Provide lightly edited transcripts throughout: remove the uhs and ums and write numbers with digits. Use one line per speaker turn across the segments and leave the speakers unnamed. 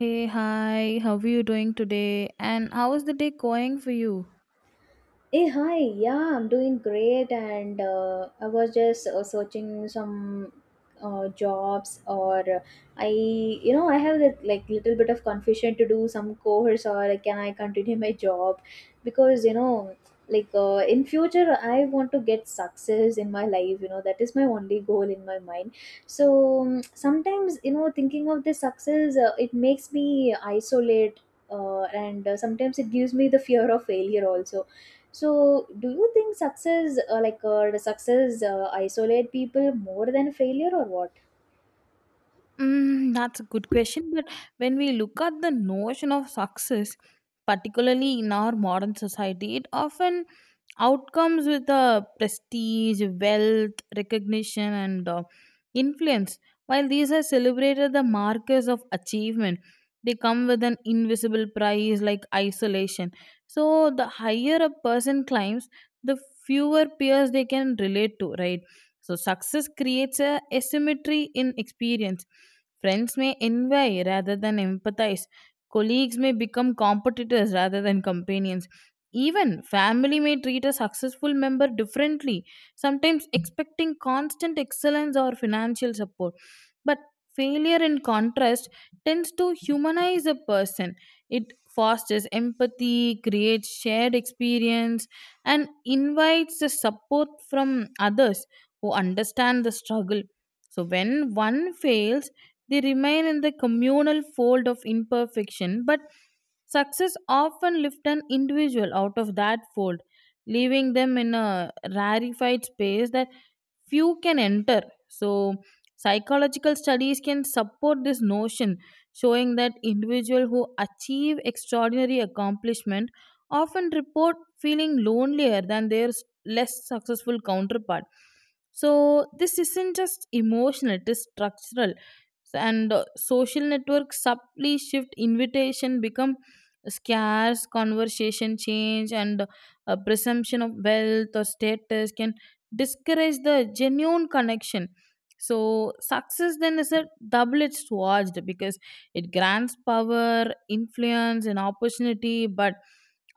Hey, hi, how are you doing today? And how is the day going for you?
Hey, hi. Yeah, I'm doing great, and I was just searching some jobs, or I, I have that like little bit of confusion to do some course, or like, can I continue my job? Because you know, like in future, I want to get success in my life. You know, that is my only goal in my mind. So sometimes, you know, thinking of this success, it makes me isolate. And Sometimes it gives me the fear of failure also, so do you think success, does success, isolate people more than failure, or what?
Mm, that's a good question. But when we look at the notion of success, particularly in our modern society, it often outcomes with the prestige, wealth, recognition, and influence. While these are celebrated the markers of achievement, they come with an invisible price like isolation. So the higher a person climbs, the fewer peers they can relate to, right? So success creates a asymmetry in experience. Friends may envy rather than empathize. Colleagues may become competitors rather than companions. Even family may treat a successful member differently, sometimes expecting constant excellence or financial support. But failure, in contrast, tends to humanize a person. It fosters empathy, creates shared experience, and invites the support from others who understand the struggle. So, when one fails, they remain in the communal fold of imperfection, but success often lifts an individual out of that fold, leaving them in a rarefied space that few can enter. So, psychological studies can support this notion, showing that individuals who achieve extraordinary accomplishment often report feeling lonelier than their less successful counterpart. So, this isn't just emotional, it is structural, so, and social networks subtly shift, invitation become scarce, conversation change, and presumption of wealth or status can discourage the genuine connection. So success then is a double-edged sword, because it grants power, influence, and opportunity, but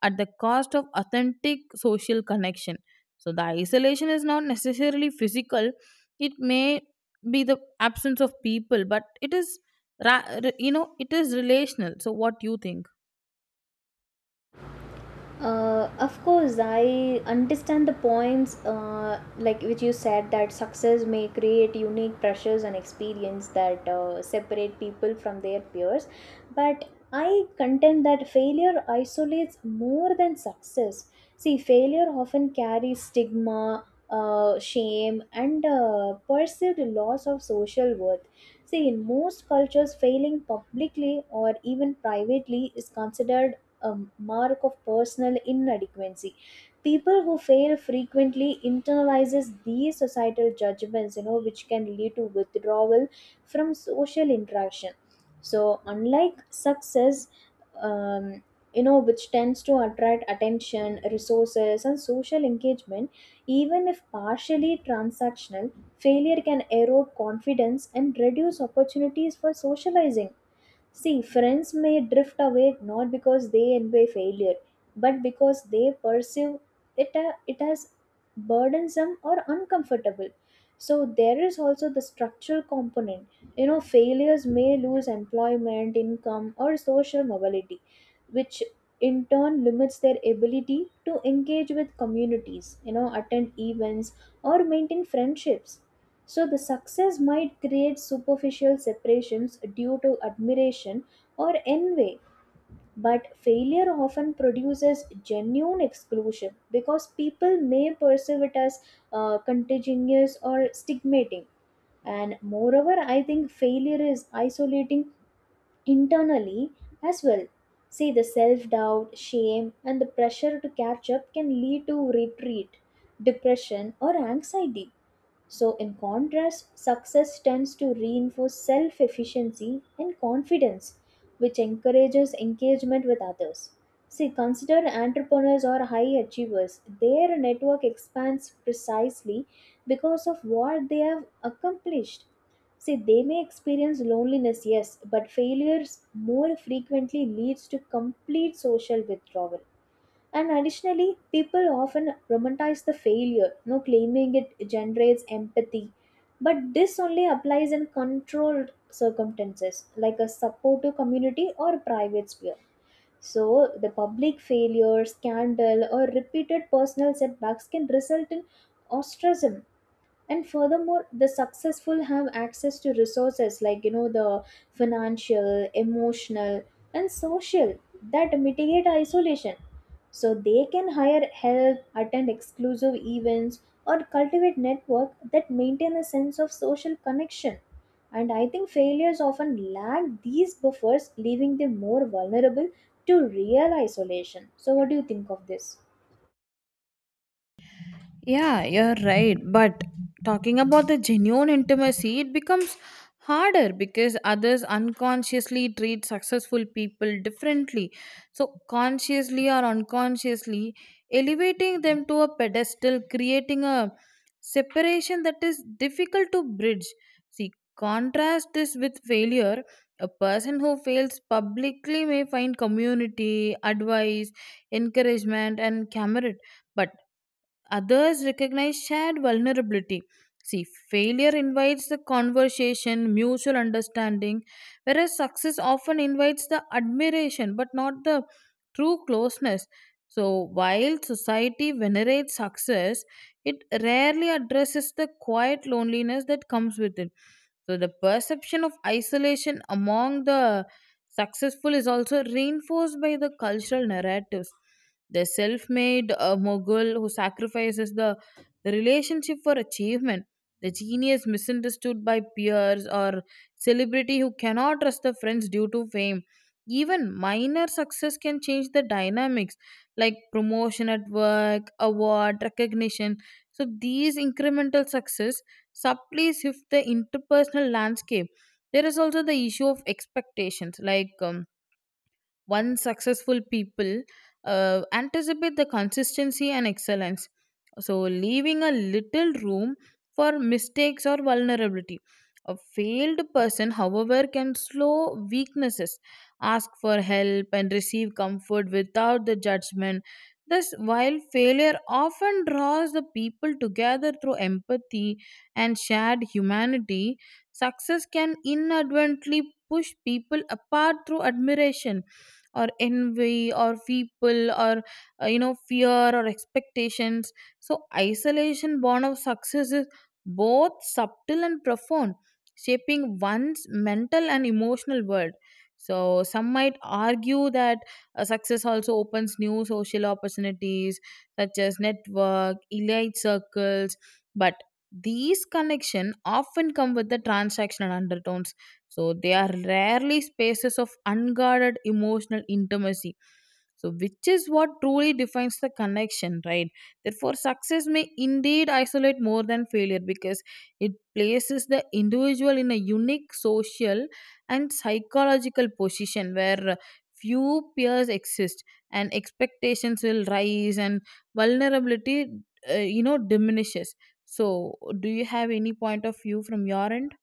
at the cost of authentic social connection. So the isolation is not necessarily physical, it may be the absence of people, but it is it is relational. So what do you think?
Of course, I understand the points like which you said that success may create unique pressures and experience that separate people from their peers. But I contend that failure isolates more than success. See, failure often carries stigma, shame, and perceived loss of social worth. See, in most cultures, failing publicly or even privately is considered a mark of personal inadequacy. People who fail frequently internalizes these societal judgments, you know, which can lead to withdrawal from social interaction. So unlike success, um, you know, which tends to attract attention, resources, and social engagement, even if partially transactional, failure can erode confidence and reduce opportunities for socializing. See, friends may drift away not because they envy failure, but because they perceive it as burdensome or uncomfortable. So, there is also the structural component. You know, failures may lose employment, income, or social mobility, which in turn limits their ability to engage with communities, you know, attend events, or maintain friendships. So the success might create superficial separations due to admiration or envy, but failure often produces genuine exclusion because people may perceive it as contagious or stigmating. And moreover, I think failure is isolating internally as well. See, the self doubt, shame, and the pressure to catch up can lead to retreat, depression, or anxiety. So, in contrast, success tends to reinforce self efficiency and confidence, which encourages engagement with others. See, consider entrepreneurs or high achievers. Their network expands precisely because of what they have accomplished. See, they may experience loneliness, yes, but failures more frequently leads to complete social withdrawal. And additionally, people often romanticize the failure, no claiming it generates empathy. But this only applies in controlled circumstances, like a supportive community or private sphere. So, the public failure, scandal, or repeated personal setbacks can result in ostracism. And furthermore, the successful have access to resources, like you know, the financial, emotional, and social, that mitigate isolation. So they can hire help, attend exclusive events, or cultivate network that maintain a sense of social connection. And I think failures often lack these buffers, leaving them more vulnerable to real isolation. So what do you think of this?
Yeah, you're right. But talking about the genuine intimacy, it becomes harder because others unconsciously treat successful people differently. So, consciously or unconsciously, elevating them to a pedestal, creating a separation that is difficult to bridge. See, contrast this with failure. A person who fails publicly may find community, advice, encouragement, and camaraderie. But others recognize shared vulnerability. See, failure invites the conversation, mutual understanding, whereas success often invites the admiration but not the true closeness. So, while society venerates success, it rarely addresses the quiet loneliness that comes with it. So the perception of isolation among the successful is also reinforced by the cultural narratives. The self made mogul who sacrifices the relationship for achievement, the genius misunderstood by peers, or celebrity who cannot trust the friends due to fame. Even minor success can change the dynamics, like promotion at work, award, recognition. So these incremental success subtly shift the interpersonal landscape. There is also the issue of expectations, like, once successful people anticipate the consistency and excellence. So, leaving a little room for mistakes or vulnerability. A failed person, however, can slow weaknesses, ask for help, and receive comfort without the judgment. Thus, while failure often draws the people together through empathy and shared humanity, success can inadvertently push people apart through admiration or envy or people or fear or expectations. So isolation born of success is both subtle and profound, shaping one's mental and emotional world. So some might argue that success also opens new social opportunities, such as network elite circles, but these connection often come with the transactional undertones, so they are rarely spaces of unguarded emotional intimacy. So, which is what truly defines the connection, right? Therefore, success may indeed isolate more than failure because it places the individual in a unique social and psychological position where few peers exist and expectations will rise and vulnerability, diminishes. So, do you have any point of view from your end?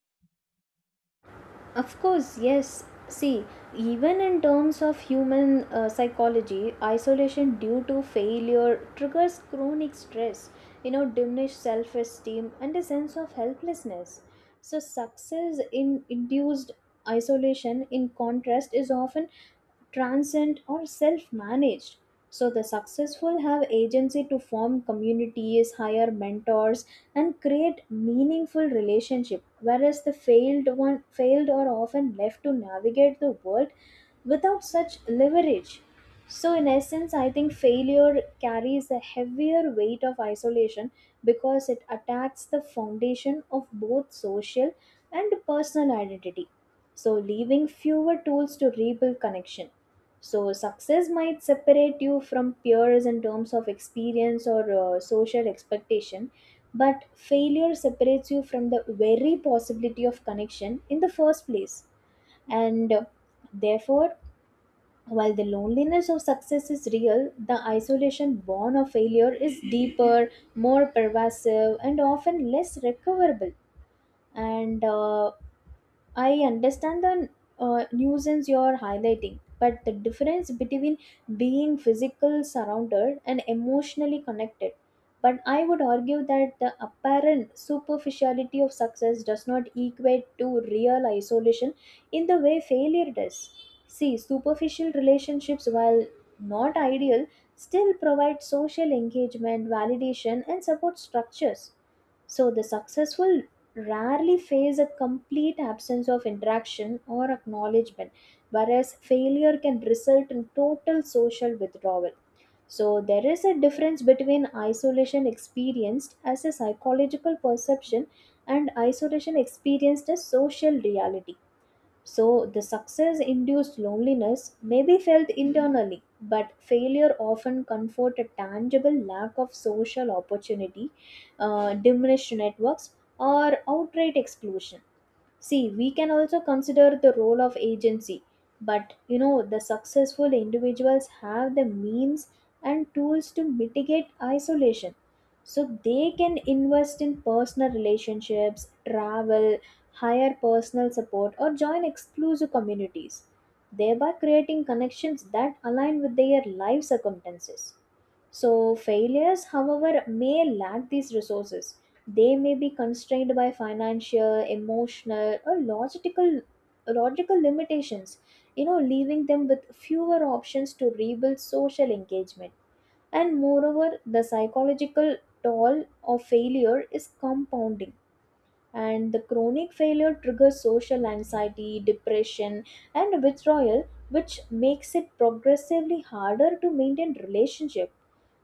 Of course, yes. See, even in terms of human psychology, isolation due to failure triggers chronic stress, you know, diminished self esteem, and a sense of helplessness. So, success in induced isolation, in contrast, is often transient or self managed. So the successful have agency to form communities, hire mentors, and create meaningful relationship, whereas the failed are often left to navigate the world without such leverage. So in essence, I think failure carries a heavier weight of isolation because it attacks the foundation of both social and personal identity. So leaving fewer tools to rebuild connection. So, success might separate you from peers in terms of experience or social expectation, but failure separates you from the very possibility of connection in the first place. And therefore, while the loneliness of success is real, the isolation born of failure is deeper, more pervasive, and often less recoverable. And I understand the nuisance you're highlighting, but the difference between being physically surrounded and emotionally connected. But I would argue that the apparent superficiality of success does not equate to real isolation in the way failure does. See, superficial relationships, while not ideal, still provide social engagement, validation, and support structures. So, the successful rarely face a complete absence of interaction or acknowledgement, whereas failure can result in total social withdrawal. So, there is a difference between isolation experienced as a psychological perception and isolation experienced as social reality. So, the success induced loneliness may be felt internally, but failure often comfort a tangible lack of social opportunity, diminished networks, or outright exclusion. See, we can also consider the role of agency, but you know, the successful individuals have the means and tools to mitigate isolation. So they can invest in personal relationships, travel, hire personal support, or join exclusive communities, thereby creating connections that align with their life circumstances. So, failures, however, may lack these resources. They may be constrained by financial, emotional, or logical limitations, you know, leaving them with fewer options to rebuild social engagement. And moreover, the psychological toll of failure is compounding. And the chronic failure triggers social anxiety, depression, and withdrawal, which makes it progressively harder to maintain relationship.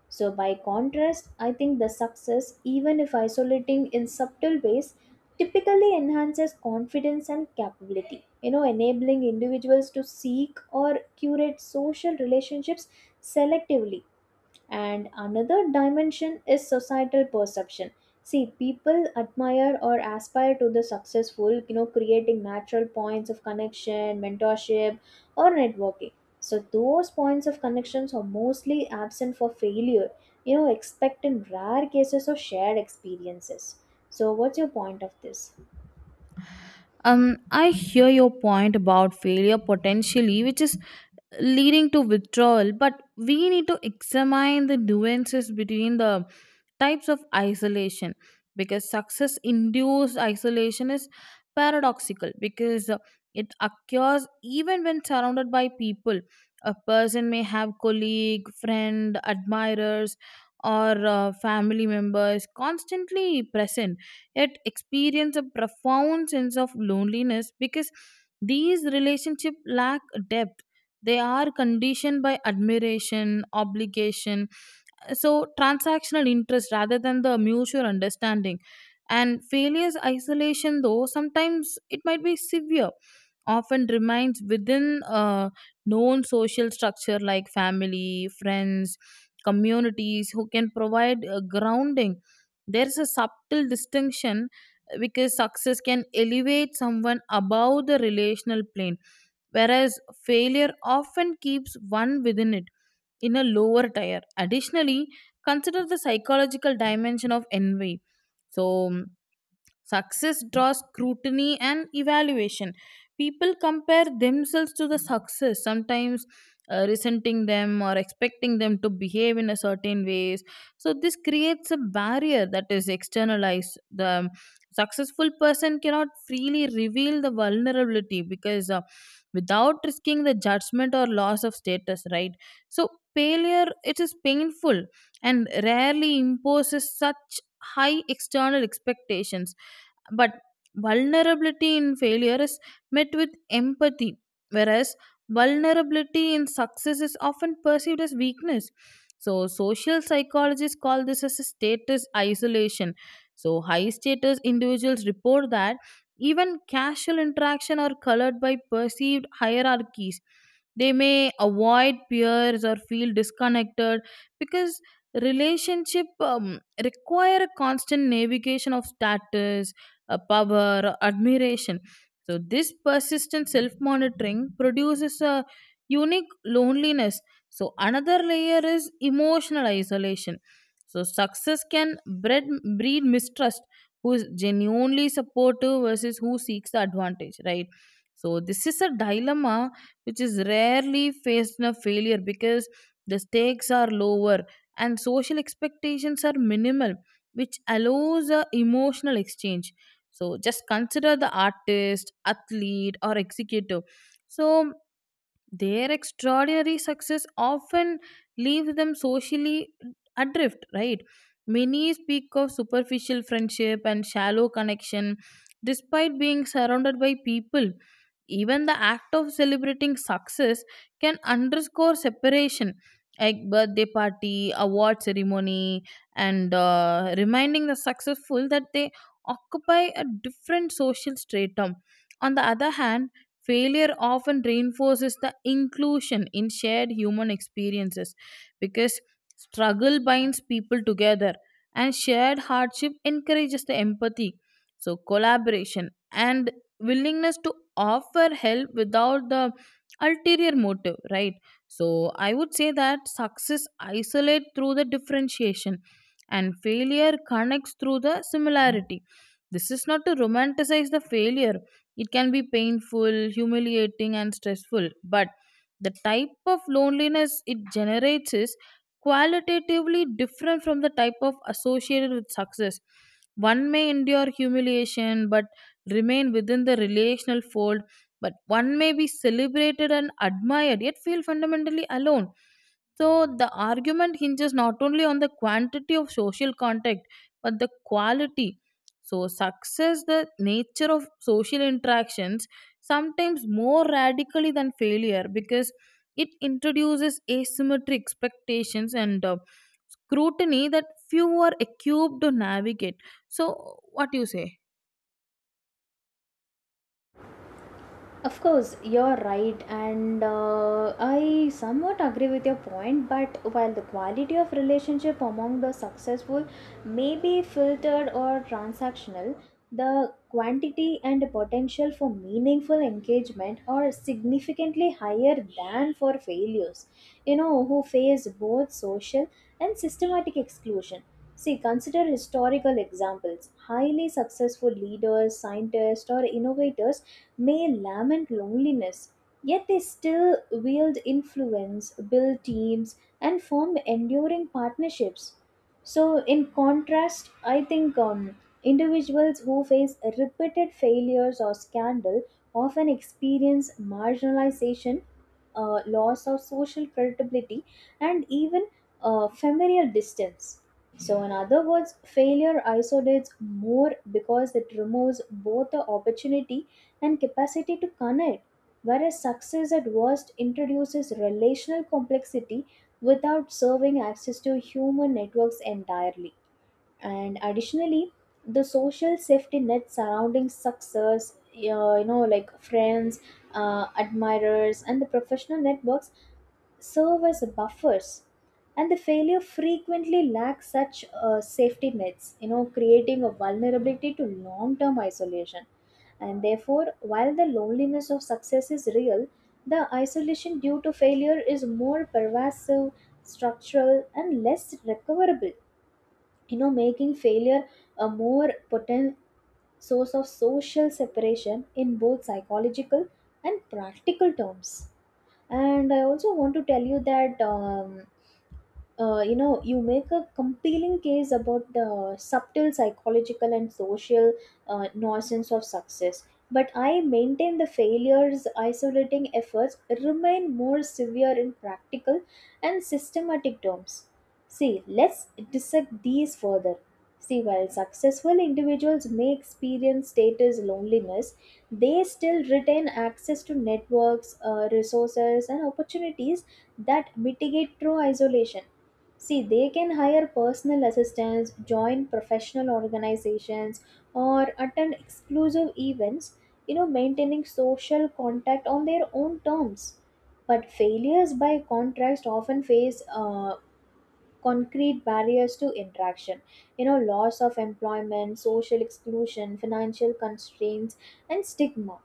So, by contrast, I think the success, even if isolating in subtle ways, typically enhances confidence and capability, you know, enabling individuals to seek or curate social relationships selectively. And another dimension is societal perception. See, people admire or aspire to the successful, you know, creating natural points of connection, mentorship, or networking. So those points of connections are mostly absent for failure, you know, expect in rare cases of shared experiences. So what's your point of this?
I hear your point about failure potentially, which is leading to withdrawal. But we need to examine the nuances between the types of isolation, because success induced isolation is paradoxical, because it occurs even when surrounded by people. A person may have colleague, friend, admirers, or family members constantly present, yet experience a profound sense of loneliness because these relationships lack depth. They are conditioned by admiration, obligation, so transactional interest rather than the mutual understanding. And failures isolation, though sometimes it might be severe, often remains within a known social structure like family, friends, communities who can provide a grounding. There's a subtle distinction, because success can elevate someone above the relational plane, whereas failure often keeps one within it, in a lower tier. Additionally, consider the psychological dimension of envy. So, success draws scrutiny and evaluation. People compare themselves to the success, sometimes resenting them or expecting them to behave in a certain ways. So this creates a barrier that is externalized. The successful person cannot freely reveal the vulnerability because, without risking the judgment or loss of status, right? So failure, it is painful and rarely imposes such high external expectations, but vulnerability in failure is met with empathy, whereas vulnerability in success is often perceived as weakness. So, social psychologists call this as a status isolation. So, high status individuals report that even casual interaction are colored by perceived hierarchies. They may avoid peers or feel disconnected because relationship require a constant navigation of status, power, or admiration. So this persistent self-monitoring produces a unique loneliness. So another layer is emotional isolation. So success can breed mistrust. Who is genuinely supportive versus who seeks the advantage, right? So this is a dilemma which is rarely faced in a failure because the stakes are lower and social expectations are minimal, which allows a emotional exchange. So just consider the artist, athlete, or executive. So their extraordinary success often leaves them socially adrift, right? Many speak of superficial friendship and shallow connection despite being surrounded by people. Even the act of celebrating success can underscore separation, like birthday party, award ceremony, and reminding the successful that they occupy a different social stratum. On the other hand, failure often reinforces the inclusion in shared human experiences, because struggle binds people together and shared hardship encourages the empathy. So, collaboration and willingness to offer help without the ulterior motive, right? So, I would say that success isolates through the differentiation and failure connects through the similarity. This is not to romanticize the failure. It can be painful, humiliating, and stressful, but the type of loneliness it generates is qualitatively different from the type of associated with success. One may endure humiliation but remain within the relational fold, but one may be celebrated and admired yet feel fundamentally alone. So the argument hinges not only on the quantity of social contact but the quality. So, success, the nature of social interactions, sometimes more radically than failure because it introduces asymmetric expectations and scrutiny that few are equipped to navigate. So, what do you say?
Of course, you're right, and I somewhat agree with your point. But while the quality of relationship among the successful may be filtered or transactional, the quantity and potential for meaningful engagement are significantly higher than for failures. You know, who face both social and systematic exclusion. See, consider historical examples. Highly successful leaders, scientists, or innovators may lament loneliness, yet they still wield influence, build teams, and form enduring partnerships. So, in contrast, I think individuals who face repeated failures or scandal often experience marginalization, loss of social credibility, and even familial distance. So, in other words, failure isolates more because it removes both the opportunity and capacity to connect, whereas success at worst introduces relational complexity without serving access to human networks entirely. And additionally, the social safety net surrounding success, you know, like friends, admirers, and the professional networks, serve as buffers. And the failure frequently lacks such safety nets, you know, creating a vulnerability to long term isolation. And therefore, while the loneliness of success is real, the isolation due to failure is more pervasive, structural, and less recoverable, you know, making failure a more potent source of social separation in both psychological and practical terms. And I also want to tell you that you know, you make a compelling case about the subtle psychological and social nonsense of success, but I maintain the failures isolating efforts remain more severe in practical and systematic terms. See, let's dissect these further. See, while successful individuals may experience status loneliness, they still retain access to networks, resources, and opportunities that mitigate true isolation. See, they can hire personal assistants, join professional organizations, or attend exclusive events, you know, maintaining social contact on their own terms. But failures, by contrast, often face concrete barriers to interaction, you know, loss of employment, social exclusion, financial constraints, and stigma.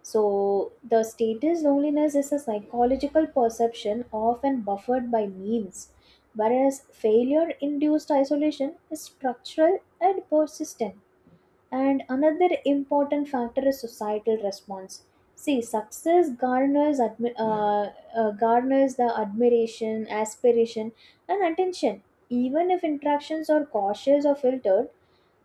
So, the status loneliness is a psychological perception often buffered by memes, whereas failure induced isolation is structural and persistent. And another important factor is societal response. See, success garners the admiration, aspiration, and attention. Even if interactions are cautious or filtered,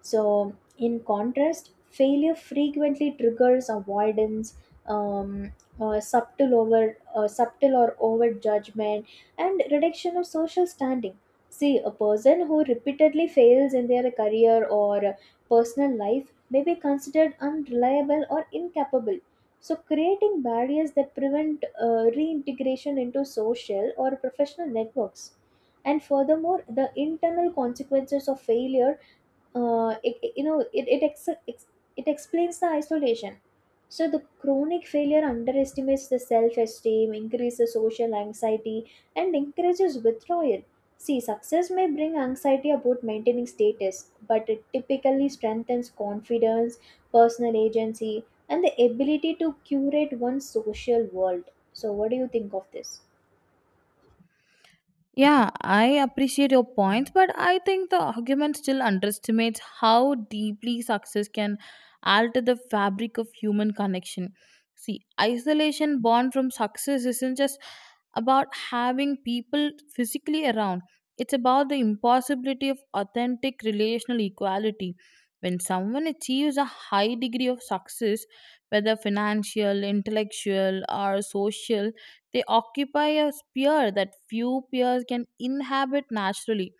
so, in contrast, failure frequently triggers avoidance, um, subtle or over judgment, and reduction of social standing. See, a person who repeatedly fails in their career or personal life may be considered unreliable or incapable. So, creating barriers that prevent reintegration into social or professional networks. And furthermore, the internal consequences of failure, it, it- you know it it, ex- ex- it explains the isolation. So the chronic failure underestimates the self-esteem, increases social anxiety, and encourages withdrawal. See, success may bring anxiety about maintaining status, but it typically strengthens confidence, personal agency, and the ability to curate one's social world. So what do you think of this?
Yeah, I appreciate your points, but I think the argument still underestimates how deeply success can alter the fabric of human connection. See, isolation born from success isn't just about having people physically around, it's about the impossibility of authentic relational equality. When someone achieves a high degree of success, whether financial, intellectual, or social, they occupy a sphere that few peers can inhabit naturally.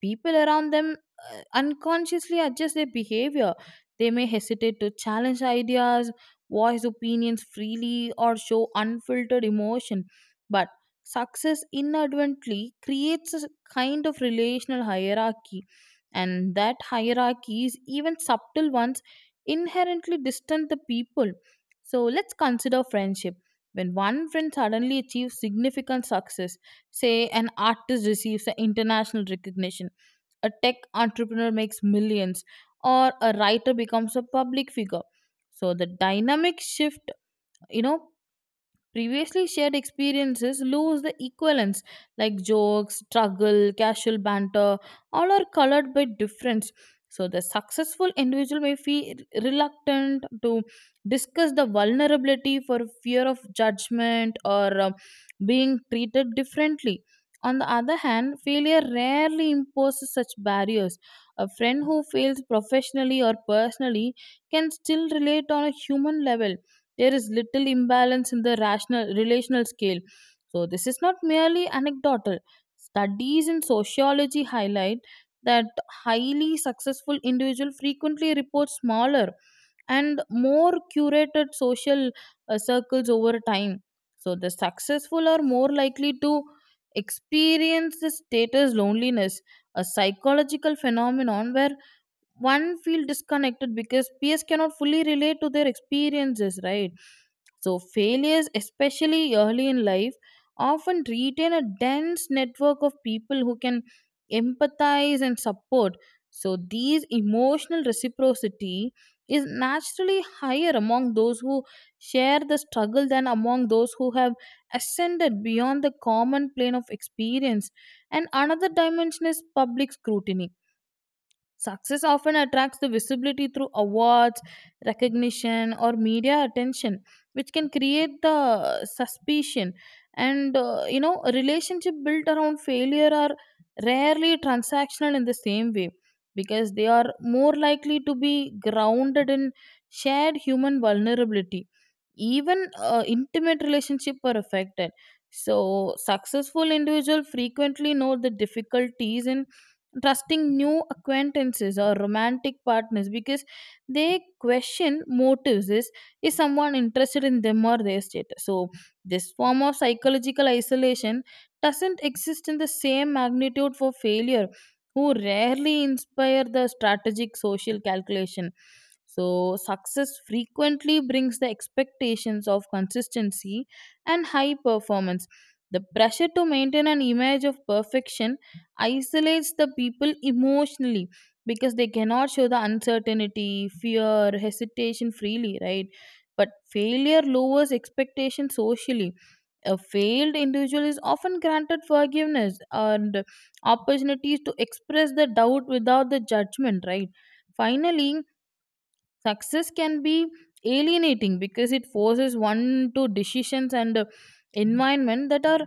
People around them unconsciously adjust their behavior. They may hesitate to challenge ideas, voice opinions freely, or show unfiltered emotion. But success inadvertently creates a kind of relational hierarchy, and that hierarchies, even subtle ones, inherently distant the people. So let's consider friendship. When one friend suddenly achieves significant success, say an artist receives an international recognition, a tech entrepreneur makes millions, or a writer becomes a public figure. So the dynamic shift, you know, previously shared experiences lose the equivalence, like jokes, struggle, casual banter, all are colored by difference. So the successful individual may feel reluctant to discuss the vulnerability for fear of judgment or, being treated differently. On the other hand, failure rarely imposes such barriers. A friend who fails professionally or personally can still relate on a human level. There is little imbalance in the rational relational scale. So this is not merely anecdotal. Studies in sociology highlight that highly successful individual frequently report smaller and more curated social circles over time. So the successful are more likely to experience the status loneliness, a psychological phenomenon where one feel disconnected because peers cannot fully relate to their experiences, right? So, failures, especially early in life, often retain a dense network of people who can empathize and support. So, these emotional reciprocity is naturally higher among those who share the struggle than among those who have ascended beyond the common plane of experience. And another dimension is public scrutiny. Success often attracts the visibility through awards, recognition, or media attention, which can create the suspicion. And a relationship built around failure are rarely transactional in the same way, because they are more likely to be grounded in shared human vulnerability. Even intimate relationships are affected. So, successful individuals frequently know the difficulties in trusting new acquaintances or romantic partners because they question motives. Is someone interested in them or their status? So this form of psychological isolation doesn't exist in the same magnitude for failure, who rarely inspire the strategic social calculation. So success frequently brings the expectations of consistency and high performance. The pressure to maintain an image of perfection isolates the people emotionally because they cannot show the uncertainty, fear, hesitation freely, right? But failure lowers expectation socially. A failed individual is often granted forgiveness and opportunities to express the doubt without the judgment, right? Finally, success can be alienating because it forces one to decisions and environment that are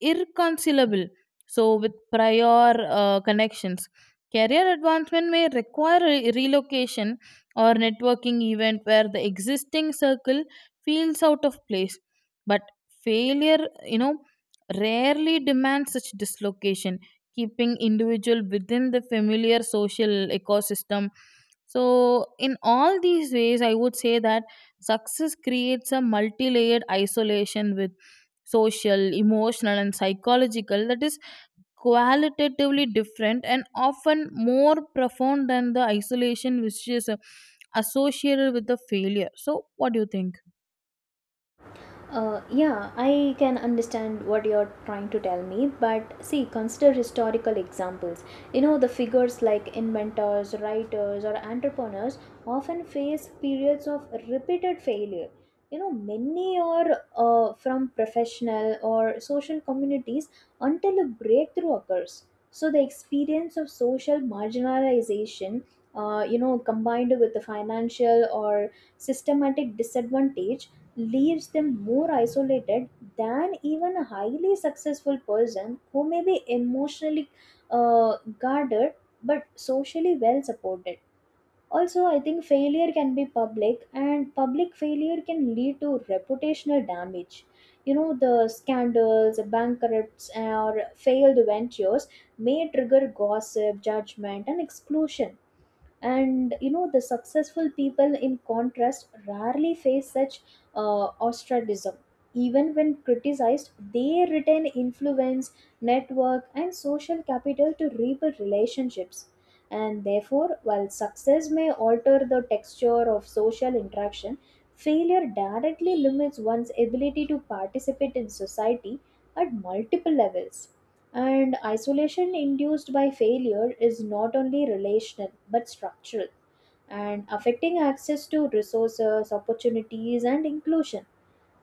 irreconcilable, so with prior connections, career advancement may require relocation or networking event where the existing circle feels out of place. But failure, you know, rarely demands such dislocation, keeping individual within the familiar social ecosystem. So in all these ways I would say that success creates a multi-layered isolation with social, emotional, and psychological that is qualitatively different and often more profound than the isolation which is associated with the failure. So, what do you think?
Yeah, I can understand what you're trying to tell me, but see, consider historical examples. You know, the figures like inventors, writers, or entrepreneurs often face periods of repeated failure. You know, many are from professional or social communities until a breakthrough occurs. So, the experience of social marginalization, you know, combined with the financial or systematic disadvantage, leaves them more isolated than even a highly successful person who may be emotionally guarded but socially well supported. Also, I think failure can be public, and public failure can lead to reputational damage. You know, the scandals, bankrupts, or failed ventures may trigger gossip, judgment, and exclusion. And you know, the successful people, in contrast, rarely face such ostracism. Even when criticized, they retain influence, network, and social capital to rebuild relationships. And therefore, while success may alter the texture of social interaction, failure directly limits one's ability to participate in society at multiple levels. And isolation induced by failure is not only relational but structural, and affecting access to resources, opportunities, and inclusion.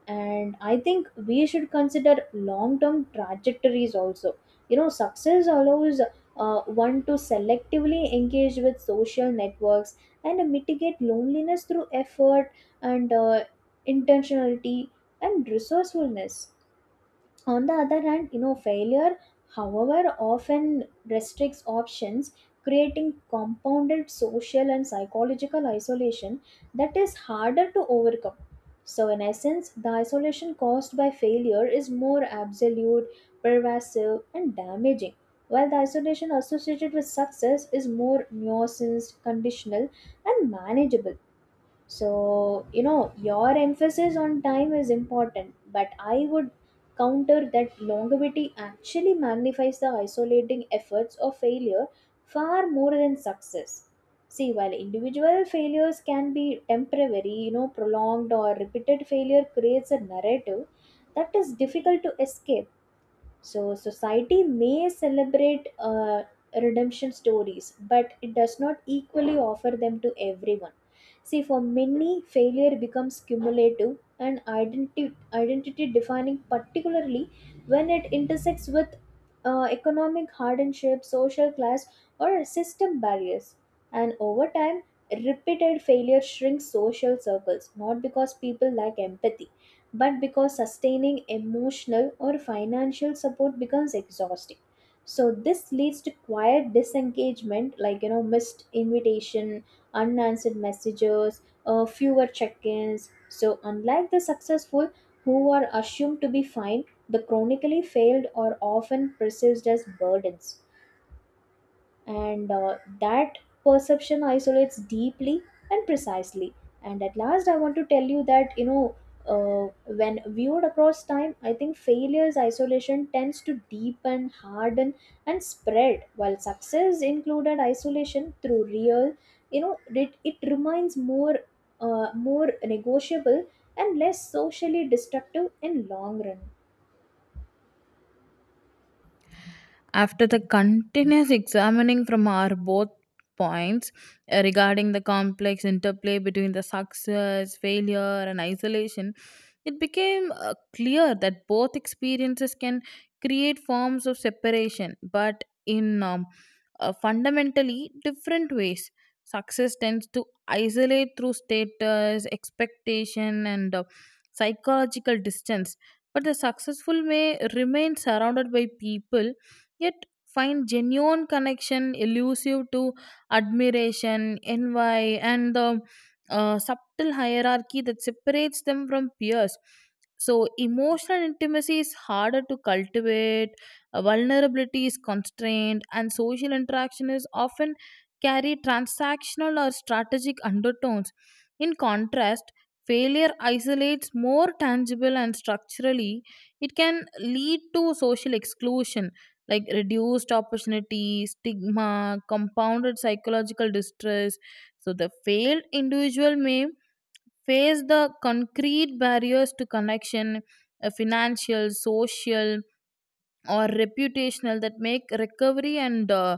And I think we should consider long term trajectories also. You know, success allows one to selectively engage with social networks and mitigate loneliness through effort and intentionality and resourcefulness. On the other hand, you know, failure, however, often restricts options, creating compounded social and psychological isolation that is harder to overcome. So in essence, the isolation caused by failure is more absolute, pervasive, and damaging, while the isolation associated with success is more nuanced, conditional, and manageable. So, you know, your emphasis on time is important, but I would counter that longevity actually magnifies the isolating efforts of failure far more than success. See, while individual failures can be temporary, you know, prolonged or repeated failure creates a narrative that is difficult to escape. So, society may celebrate redemption stories, but it does not equally offer them to everyone. See, for many, failure becomes cumulative and identity defining, particularly when it intersects with economic hardship, social class, or system barriers. And over time, repeated failure shrinks social circles, not because people lack empathy, but because sustaining emotional or financial support becomes exhausting. So this leads to quiet disengagement, like you know, missed invitation, unanswered messages, fewer check-ins. So unlike the successful, who are assumed to be fine, the chronically failed are often perceived as burdens, and that perception isolates deeply and precisely. And at last, I want to tell you that you know, uh, when viewed across time, I think failure's isolation tends to deepen, harden, and spread, while success included isolation through real, you know, it remains more more negotiable and less socially destructive in long run.
After the continuous examining from our both points regarding the complex interplay between the success, failure, and isolation, it became clear that both experiences can create forms of separation, but in fundamentally different ways. Success tends to isolate through status, expectation, and psychological distance, but the successful may remain surrounded by people yet find genuine connection elusive to admiration, envy, and the subtle hierarchy that separates them from peers. So, emotional intimacy is harder to cultivate, vulnerability is constrained, and social interaction is often carry transactional or strategic undertones. In contrast, failure isolates more tangible and structurally, it can lead to social exclusion like reduced opportunity, stigma, compounded psychological distress. So the failed individual may face the concrete barriers to connection, financial, social, or reputational that make recovery and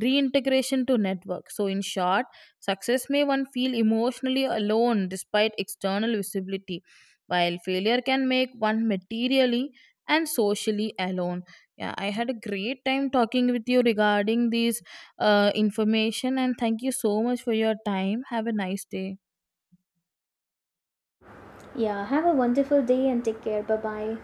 reintegration to network. So in short, success may one feel emotionally alone despite external visibility, while failure can make one materially and socially alone. Yeah, I had a great time talking with you regarding these information, and thank you so much for your time. Have a nice day.
Yeah, have a wonderful day and take care. Bye bye.